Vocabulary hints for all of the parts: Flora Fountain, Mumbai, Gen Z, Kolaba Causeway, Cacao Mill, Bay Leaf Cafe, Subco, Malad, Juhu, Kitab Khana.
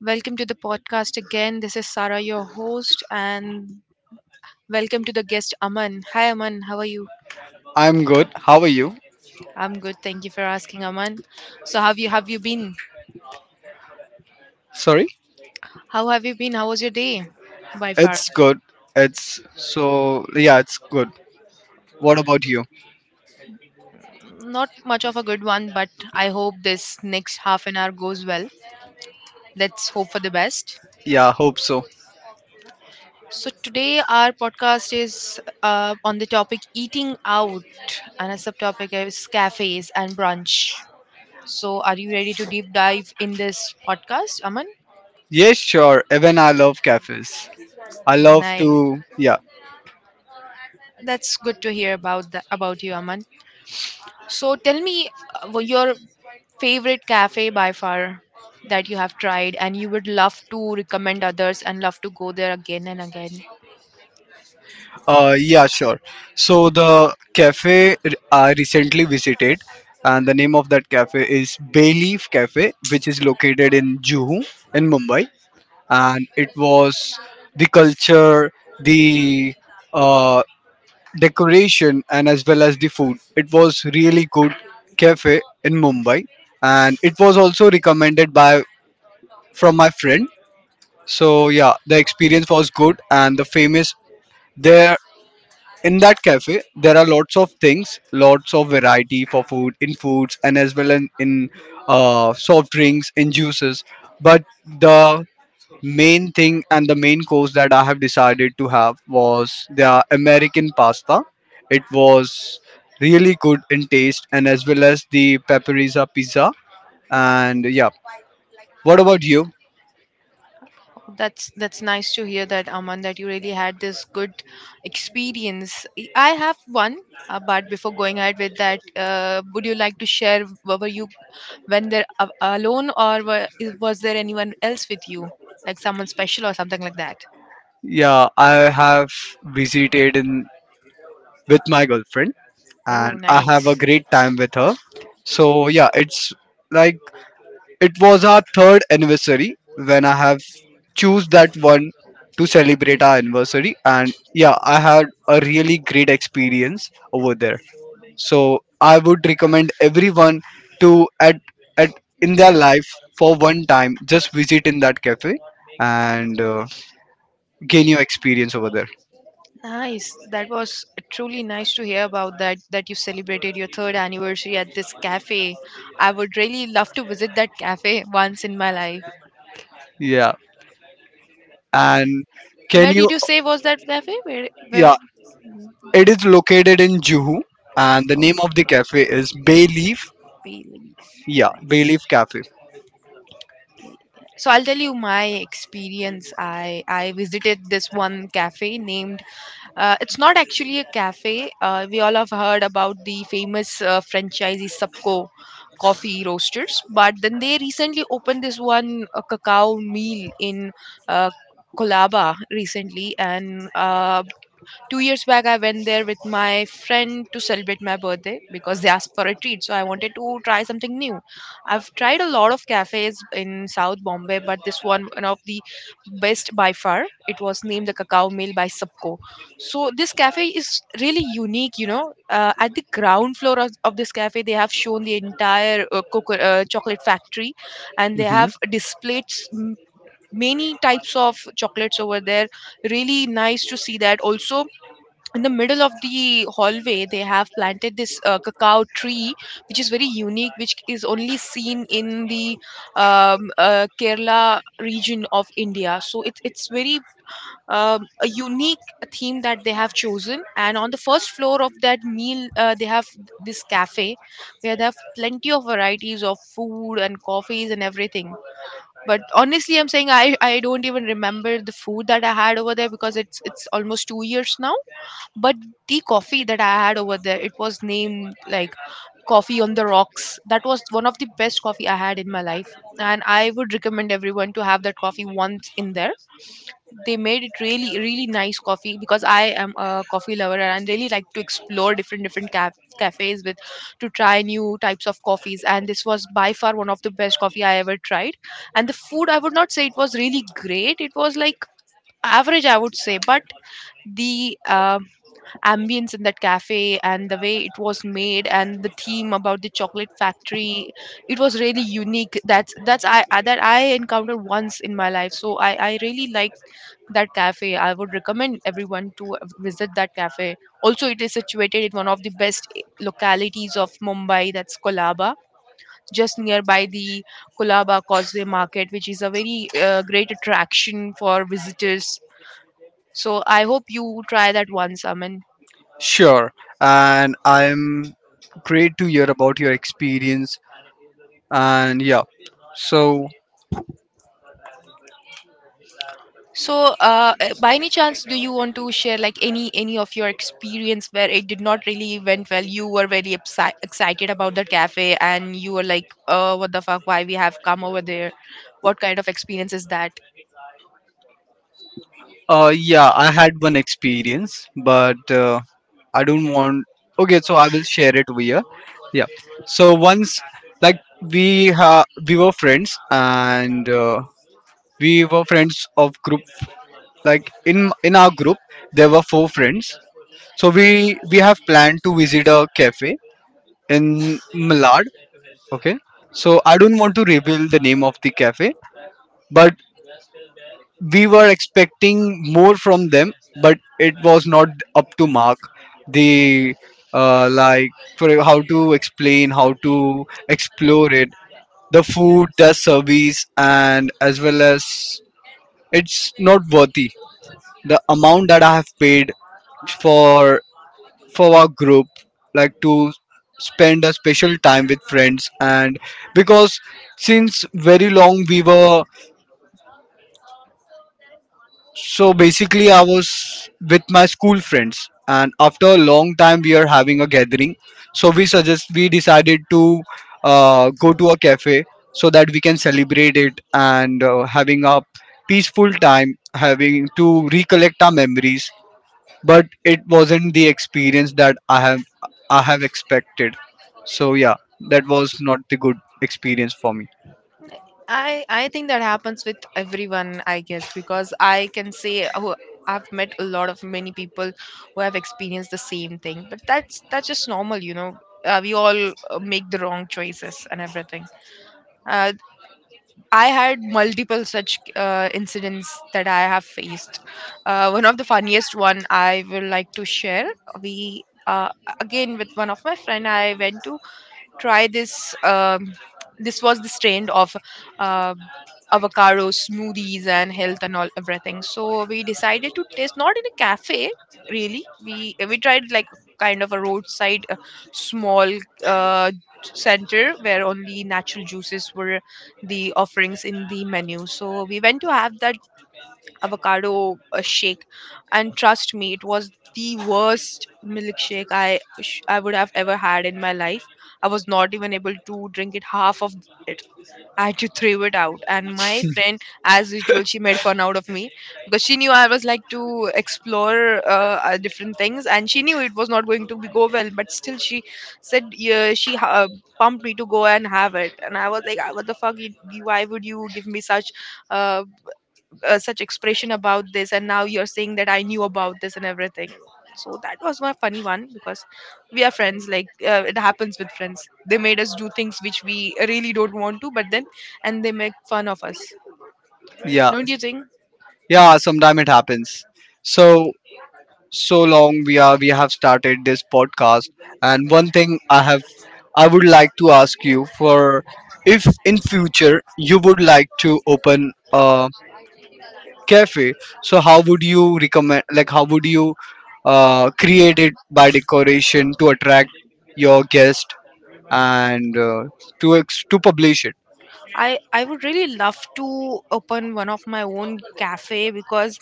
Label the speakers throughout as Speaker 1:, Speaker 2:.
Speaker 1: Welcome to the podcast again. This is Sara, your host, and welcome to the guest Aman. Hi Aman, how are you?
Speaker 2: I'm good. How are you?
Speaker 1: I'm good. Thank you for asking, Aman. So have you been?
Speaker 2: Sorry?
Speaker 1: How have you been? How was your day? By far,
Speaker 2: It's good. It's so, yeah, it's good. What about you?
Speaker 1: not much of a good one, but I hope this next half an hour goes well. Let's hope for the best.
Speaker 2: Yeah, hope so.
Speaker 1: So today our podcast is on the topic eating out, and a subtopic is cafes and brunch. So, are you ready to deep dive in this podcast, Aman?
Speaker 2: Yes, sure. Even I love cafes. I
Speaker 1: Oh,
Speaker 2: love
Speaker 1: nice.
Speaker 2: to, yeah.
Speaker 1: That's good to hear about about you, Aman. So, tell me your favorite cafe by far that you have tried and you would love to recommend others and love to go there again and again.
Speaker 2: Yeah, sure. So the cafe I recently visited, and the name of that cafe is Bayleaf Cafe, which is located in Juhu in Mumbai, and it was the culture, the uh, decoration and as well as the food. It was really good cafe in Mumbai, and it was also recommended by from my friend. So yeah, the experience was good, and the famous there in that cafe there are lots of things, lots of variety for food in foods and as well in soft drinks in juices, but the main thing and the main course that I have decided to have was the American pasta. It was really good in taste and as well as the paprika pizza. And yeah, what about you?
Speaker 1: That's nice to hear that, Aman, that you really had this good experience. I have one, but before going ahead with that, would you like to share? Were you when there alone, or was there anyone else with you, like someone special or something like that?
Speaker 2: Yeah, I have visited in with my girlfriend,
Speaker 1: Oh,
Speaker 2: and I have a
Speaker 1: nice.
Speaker 2: great time with her. So yeah, it's like it was our third anniversary when I have choose that one to celebrate our anniversary, and yeah, I had a really great experience over there. So I would recommend everyone to at in their life for one time just visit in that cafe, and gain your experience over there.
Speaker 1: Nice. That was truly nice to hear about that you celebrated your third anniversary at this cafe. I would really love to visit that cafe once in my life.
Speaker 2: Yeah. And can
Speaker 1: Where
Speaker 2: you,
Speaker 1: did you say was that cafe? Where?
Speaker 2: yeah. It is located in Juhu, and the
Speaker 1: Oh,
Speaker 2: name of the cafe is Bay Leaf.
Speaker 1: Bailey's.
Speaker 2: Yeah, Bay Leaf Cafe.
Speaker 1: So I'll tell you my experience. I visited this one cafe named. It's not actually a cafe. We all have heard about the famous franchisee Subco coffee roasters, but then they recently opened this one cacao meal in uh, Kolaba recently, and 2 years back, I went there with my friend to celebrate my birthday because they asked for a treat. So I wanted to try something new. I've tried a lot of cafes in South Bombay, but this one of the best by far. It was named the Cacao Mill by Subco. So this cafe is really unique. You know, at the ground floor of this cafe, they have shown the entire chocolate factory, and they have displayed many types of chocolates over there, really nice to see that also. In the middle of the hallway, they have planted this cacao tree, which is very unique, which is only seen in the Kerala region of India. So it's very a unique theme that they have chosen, and on the first floor of that meal, they have this cafe where they have plenty of varieties of food and coffees and everything. But honestly I'm saying, I don't even remember the food that I had over there because it's almost 2 years now. But the coffee that I had over there, it was named like coffee on the rocks. That was one of the best coffee I had in my life, and I would recommend everyone to have that coffee once in there. They made it really, really nice coffee because I am a coffee lover and I really like to explore different cafes with to try new types of coffees. And this was by far one of the best coffee I ever tried. And the food, I would not say it was really great. It was like average, I would say, but the ambience in that cafe and the way it was made and the theme about the chocolate factory, it was really unique. That I encountered once in my life, so I really like that cafe. I would recommend everyone to visit that cafe. Also, it is situated in one of the best localities of Mumbai, that's Kolaba, just nearby the Kolaba Causeway market, which is a very great attraction for visitors. So I hope you try that once, Aman.
Speaker 2: Sure. And I'm great to hear about your experience. And yeah, so
Speaker 1: So, by any chance, do you want to share like any of your experience where it did not really went well? You were very excited about the cafe, and you were like, "Oh, what the fuck? Why we have come over there? What kind of experience is that?"
Speaker 2: yeah, I had one experience, but I don't want. Okay, so I will share it over here. Yeah. So once, like we were friends, and we were friends of group. Like in our group, there were four friends. So we have planned to visit a cafe in Malad. Okay. So I don't want to reveal the name of the cafe, but we were expecting more from them, but it was not up to mark. The like how to explain, how to explore it, the food, the service, and as well as it's not worthy. The amount that I have paid for for our group, like to spend a special time with friends, and because since very long we were. So basically, I was with my school friends, and after a long time, we are having a gathering. So we decided to go to a cafe so that we can celebrate it and having a peaceful time, having to recollect our memories. But it wasn't the experience that I have expected. So yeah, that was not the good experience for me.
Speaker 1: I think that happens with everyone, I guess, because I can say, oh, I've met a lot of many people who have experienced the same thing, but that's just normal, you know. We all make the wrong choices and everything. Uh, I had multiple such incidents that I have faced. One of the funniest one I would like to share. We again with one of my friend. I went to try this. This was this trend of uh, avocado smoothies and health and all everything. So we decided to taste not in a cafe really. We tried like kind of a roadside small uh, center where only natural juices were the offerings in the menu. So we went to have that avocado shake, and trust me, it was the worst milkshake I would have ever had in my life. I was not even able to drink it half of it. I had to throw it out, and my friend, as usual, she made fun out of me because she knew I was like to explore different things, and she knew it was not going to be go well. But still, she said, yeah, she pumped me to go and have it, and I was like, "Ah, what the fuck? Why would you give me such uh, such expression about this, and now you're saying that I knew about this and everything?" So that was my funny one because we are friends. Like, it happens with friends. They made us do things which we really don't want to, but then and they make fun of us,
Speaker 2: Yeah,
Speaker 1: don't you think?
Speaker 2: yeah. Sometime it happens. So so long we have started this podcast, and one thing I would like to ask you for, if in future you would like to open a cafe, so how would you recommend, like how would you create it by decoration to attract your guest, and to publish it.
Speaker 1: I would really love to open one of my own cafe because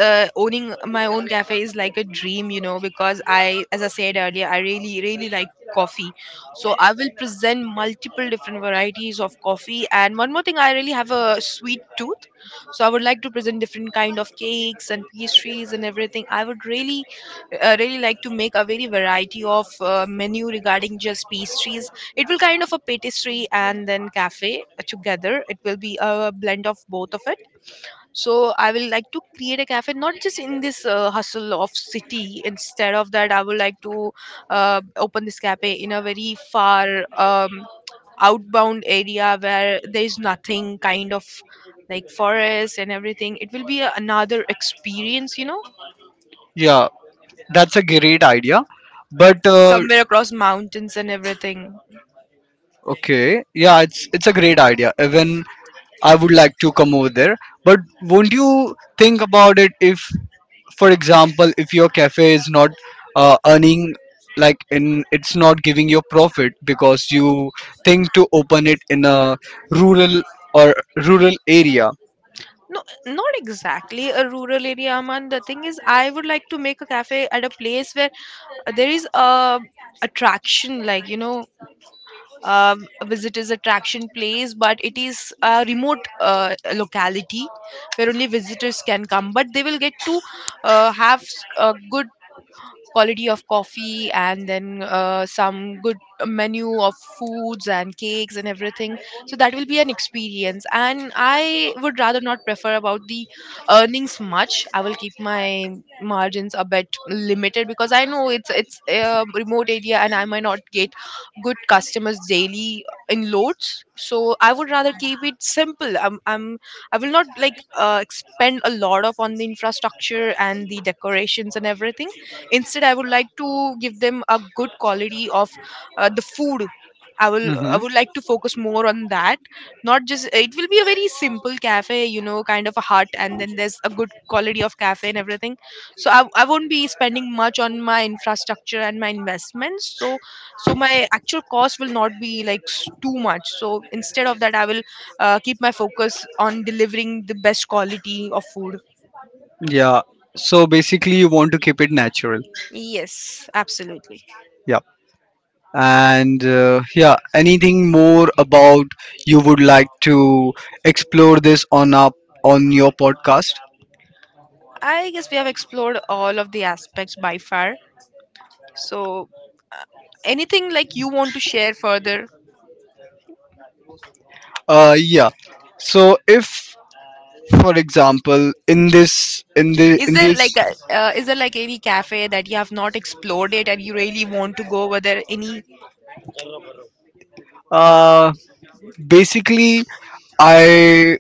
Speaker 1: owning my own cafe is like a dream, you know. Because I, as I said earlier, I really really like coffee, so I will present multiple different varieties of coffee. And one more thing, I really have a sweet tooth, so I would like to present different kind of cakes and pastries and everything. I would really really like to make a very variety of menu regarding just pastries. It will kind of a pastry and then cafe together. It will be a blend of both of it. So I will like to create a cafe not just in this hustle of city. Instead of that, I would like to open this cafe in a very far outbound area where there is nothing, kind of like forest and everything. It will be a, another experience, you know,
Speaker 2: Yeah, that's a great idea, but
Speaker 1: somewhere across mountains and everything.
Speaker 2: okay, yeah, it's a great idea. Even I would like to come over there. But won't you think about it if, for example, if your cafe is not earning, like in it's not giving you profit because you think to open it in a rural or rural area.
Speaker 1: No, not exactly a rural area, Aman. The thing is, I would like to make a cafe at a place where there is a attraction, like you know, a visitors attraction place, but it is a remote locality where only visitors can come. But they will get to have a good quality of coffee and then some good menu of foods and cakes and everything. So that will be an experience, and I would rather not prefer about the earnings much. I will keep my margins a bit limited because I know it's a remote area and I might not get good customers daily in loads. So I would rather keep it simple. I'm, I will not like spend a lot of on the infrastructure and the decorations and everything. Instead, I would like to give them a good quality of the food. I would like to focus more on that. Not just it will be a very simple cafe, you know, kind of a hut, and then there's a good quality of cafe and everything. So I won't be spending much on my infrastructure and my investments. So so my actual cost will not be like too much. So instead of that, I will keep my focus on delivering the best quality of food.
Speaker 2: Yeah. So basically, you want to keep it natural.
Speaker 1: Yes, absolutely.
Speaker 2: Yeah. And yeah, anything more about you would like to explore this on up on your podcast?
Speaker 1: I guess we have explored all of the aspects by far. So, uh, anything like you want to share further?
Speaker 2: Yeah. So if for example in this in the
Speaker 1: Is
Speaker 2: in
Speaker 1: there
Speaker 2: this
Speaker 1: like a, is there like any cafe that you have not explored it and you really want to go? Were there any?
Speaker 2: uh basically i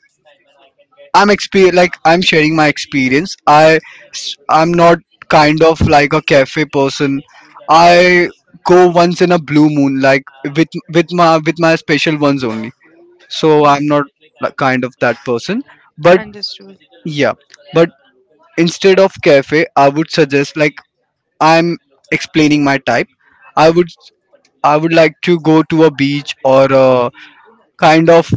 Speaker 2: I'm like I'm sharing my experience. I'm not kind of like a cafe person. I go once in a blue moon, like with my special ones only, so
Speaker 1: Oh,
Speaker 2: I'm not, like, kind of that person, but
Speaker 1: understood.
Speaker 2: yeah, but instead of cafe I would suggest, like I'm explaining my type, i would I would like to go to a beach or a kind of,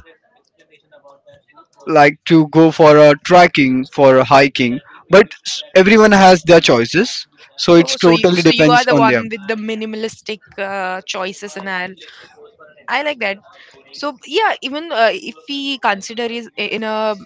Speaker 2: like to go for a trekking, for a hiking, but everyone has their choices, so it's
Speaker 1: Oh,
Speaker 2: totally
Speaker 1: so you are
Speaker 2: depends
Speaker 1: the
Speaker 2: on them.
Speaker 1: one with the minimalistic choices, and I like that. So yeah, even if we consider is in a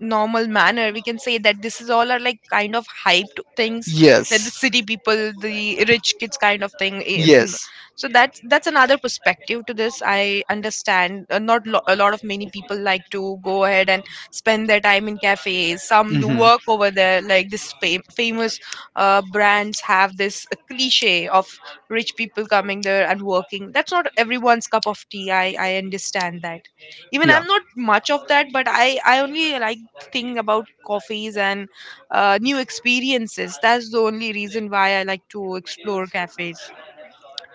Speaker 1: normal manner, we can say that this is all are like kind of hyped things, that the
Speaker 2: Yes,
Speaker 1: city people, the rich kids kind of thing. So that's another
Speaker 2: yes.
Speaker 1: perspective to this. I understand, not a lot of many people like to go ahead and spend their time in cafes. Some do work over there, like this famous brands have this cliche of rich people coming there and working. That's not everyone's cup of tea. I understand that. Even I'm not much of that, but I only like thing about coffees and new experiences. That's the only reason why I like to explore cafes.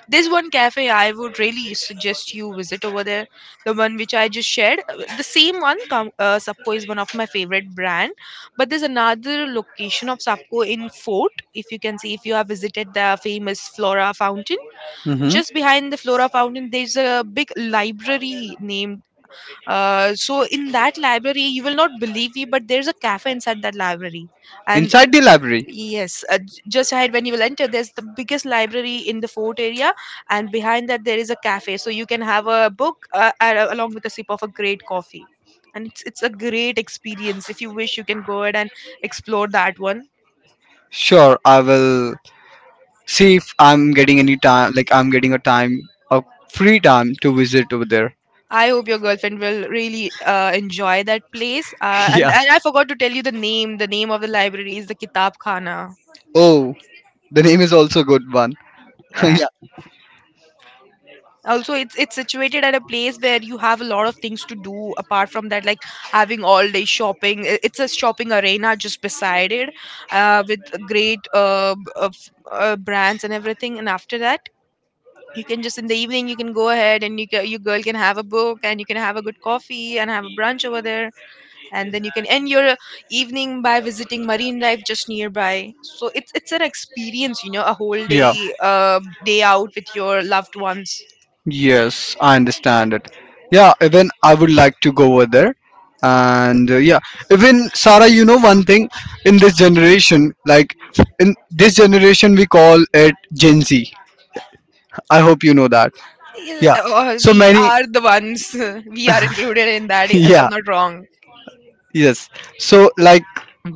Speaker 1: There's one cafe I would really suggest you visit over there, the one which I just shared. The same one, Sapco is one of my favorite brand, but there's another location of Sapco in Fort. If you can see, if you have visited the famous Flora Fountain, just behind the Flora Fountain, there's a big library named so in that library, you will not believe me, but there's a cafe inside that library. And
Speaker 2: Inside the library?
Speaker 1: yes, just ahead when you will enter, there's the biggest library in the fort area, and behind that there is a cafe, so you can have a book along with a sip of a great coffee, and it's a great experience. If you wish, you can go ahead and explore that one.
Speaker 2: Sure, I will see if I'm getting any time, like I'm getting a time, a free time to visit over there.
Speaker 1: I hope your girlfriend will really enjoy that place. And,
Speaker 2: Yeah.
Speaker 1: and I forgot to tell you the name. The name of the library is the Kitab Khana.
Speaker 2: Oh, the name is also a good one.
Speaker 1: Yeah.
Speaker 2: Yeah.
Speaker 1: Also it's situated at a place where you have a lot of things to do apart from that, like having all day shopping. It's a shopping arena just beside it, with a great brands and everything, and after that you can just in the evening you can go ahead and you girl can have a book and you can have a good coffee and have a brunch over there, and then you can end your evening by visiting marine life just nearby. So it's an experience, you know, a whole day uh, day out with your loved ones.
Speaker 2: Yes, I understand it. Yeah, even I would like to go over there. And yeah, even Sarah, you know one thing in this generation, like in this generation, we call it Gen Z. I hope you know that.
Speaker 1: Yeah,
Speaker 2: Yeah. So
Speaker 1: we
Speaker 2: many.
Speaker 1: are the ones we are included in that, if I'm
Speaker 2: Yeah.
Speaker 1: not wrong.
Speaker 2: Yes. So like,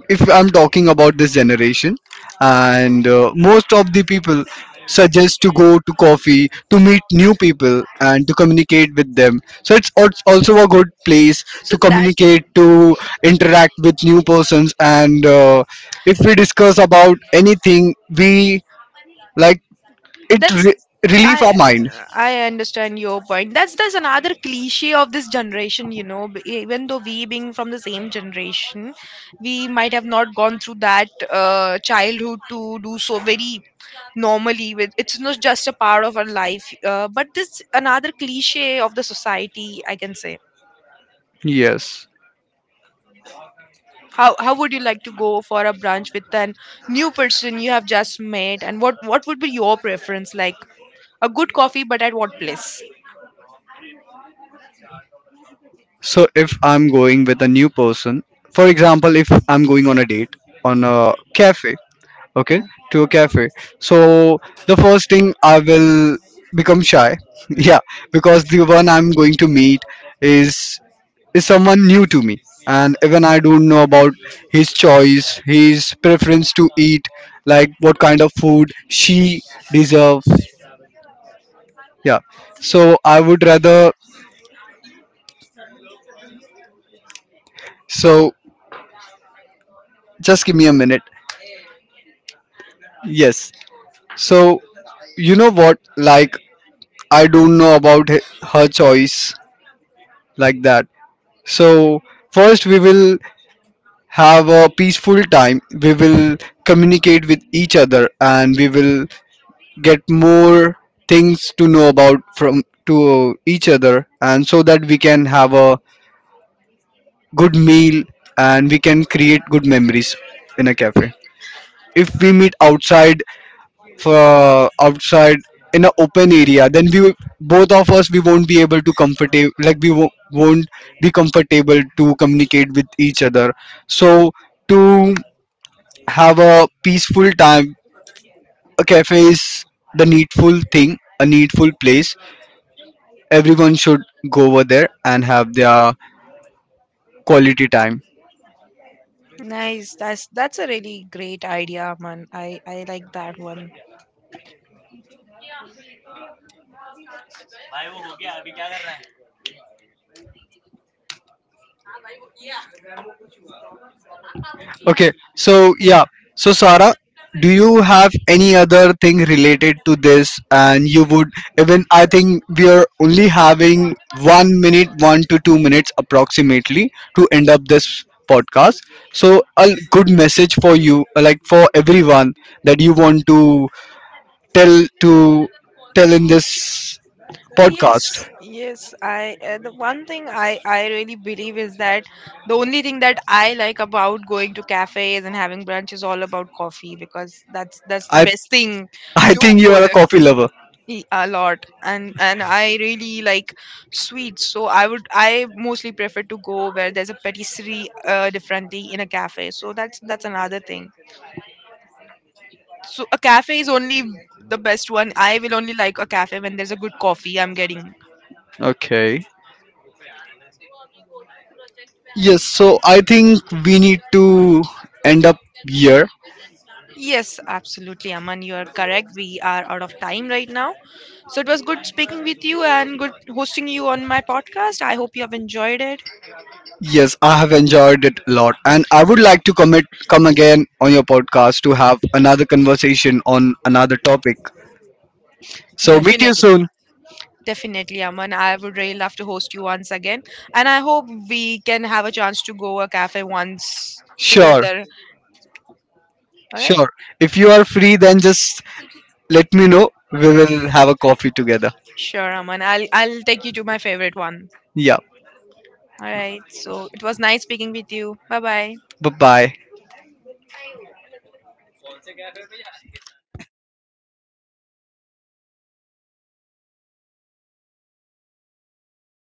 Speaker 2: if I'm talking about this generation, and most of the people suggest to go to coffee to meet new people and to communicate with them. So it's also a good place
Speaker 1: So
Speaker 2: to
Speaker 1: that
Speaker 2: communicate, to interact with new persons, and if we discuss about anything, we like it
Speaker 1: that's
Speaker 2: relieve our
Speaker 1: i
Speaker 2: mind.
Speaker 1: I understand your point. That's another cliche of this generation, you know. Even though we being from the same generation, we might have not gone through that childhood to do so very normally with. It's not just a part of our life, but this another cliche of the society, I can say.
Speaker 2: Yes.
Speaker 1: How would you like to go for a brunch with a new person you have just met, and what would be your preference like? A good coffee, but at what place?
Speaker 2: So if I'm going with a new person, for example, if I'm going on a date on a cafe, okay,
Speaker 1: Yeah.
Speaker 2: to a cafe, so the first thing I will become shy, yeah, because the one I'm going to meet is is someone new to me, and even I don't know about his choice, his preference to eat, like what kind of food she deserve, yeah. So I would rather, so just give me a minute. Yes. So, you know what? Like, I don't know about her choice like that. So, first, we will have a peaceful time. We will communicate with each other, and we will get more things to know about from to each other, and so that we can have a good meal, and we can create good memories in a cafe. If we meet outside, for outside in an open area, then both of us, we won't be able to comfortable, like we won't be comfortable to communicate with each other. So to have a peaceful time, a cafe is the needful thing, a needful place. Everyone should go over there and have their quality time.
Speaker 1: Nice. That's a really great idea, man. I like that one.
Speaker 2: Okay, so yeah, so Sara, do you have any other thing related to this? And you would, even I think we are only having 1 minute, 1 to 2 minutes approximately to end up this podcast. So a good message for you, like for everyone that you want to tell in this podcast.
Speaker 1: Yes, yes. I the one thing I really believe is that the only thing that I like about going to cafes and having brunch is all about coffee, because that's the
Speaker 2: I
Speaker 1: best thing
Speaker 2: I
Speaker 1: to
Speaker 2: think you
Speaker 1: go
Speaker 2: are a
Speaker 1: there.
Speaker 2: coffee lover.
Speaker 1: A lot, and I really like sweets, so I mostly prefer to go where there's a patisserie differently in a cafe, so that's another thing. So a cafe is only the best one. I will only like a cafe when there's a good coffee I'm getting.
Speaker 2: Okay. Yes, so I think we need to end up here.
Speaker 1: Yes, absolutely, Aman, you are correct, we are out of time right now. So it was good speaking with you, and good hosting you on my podcast. I hope you have enjoyed it.
Speaker 2: Yes, I have enjoyed it a lot, and I would like to commit come again on your podcast to have another conversation on another topic. So meet you
Speaker 1: Definitely.
Speaker 2: soon.
Speaker 1: Definitely, Aman. I would really love to host you once again. And I hope we can have a chance to go a cafe once
Speaker 2: Sure,
Speaker 1: together. All right?
Speaker 2: sure. If you are free, then just let me know. We will have a coffee together.
Speaker 1: Sure, Aman. I'll take you to my favorite one.
Speaker 2: Yeah.
Speaker 1: All right. So it was nice speaking with you. Bye bye.
Speaker 2: Bye bye.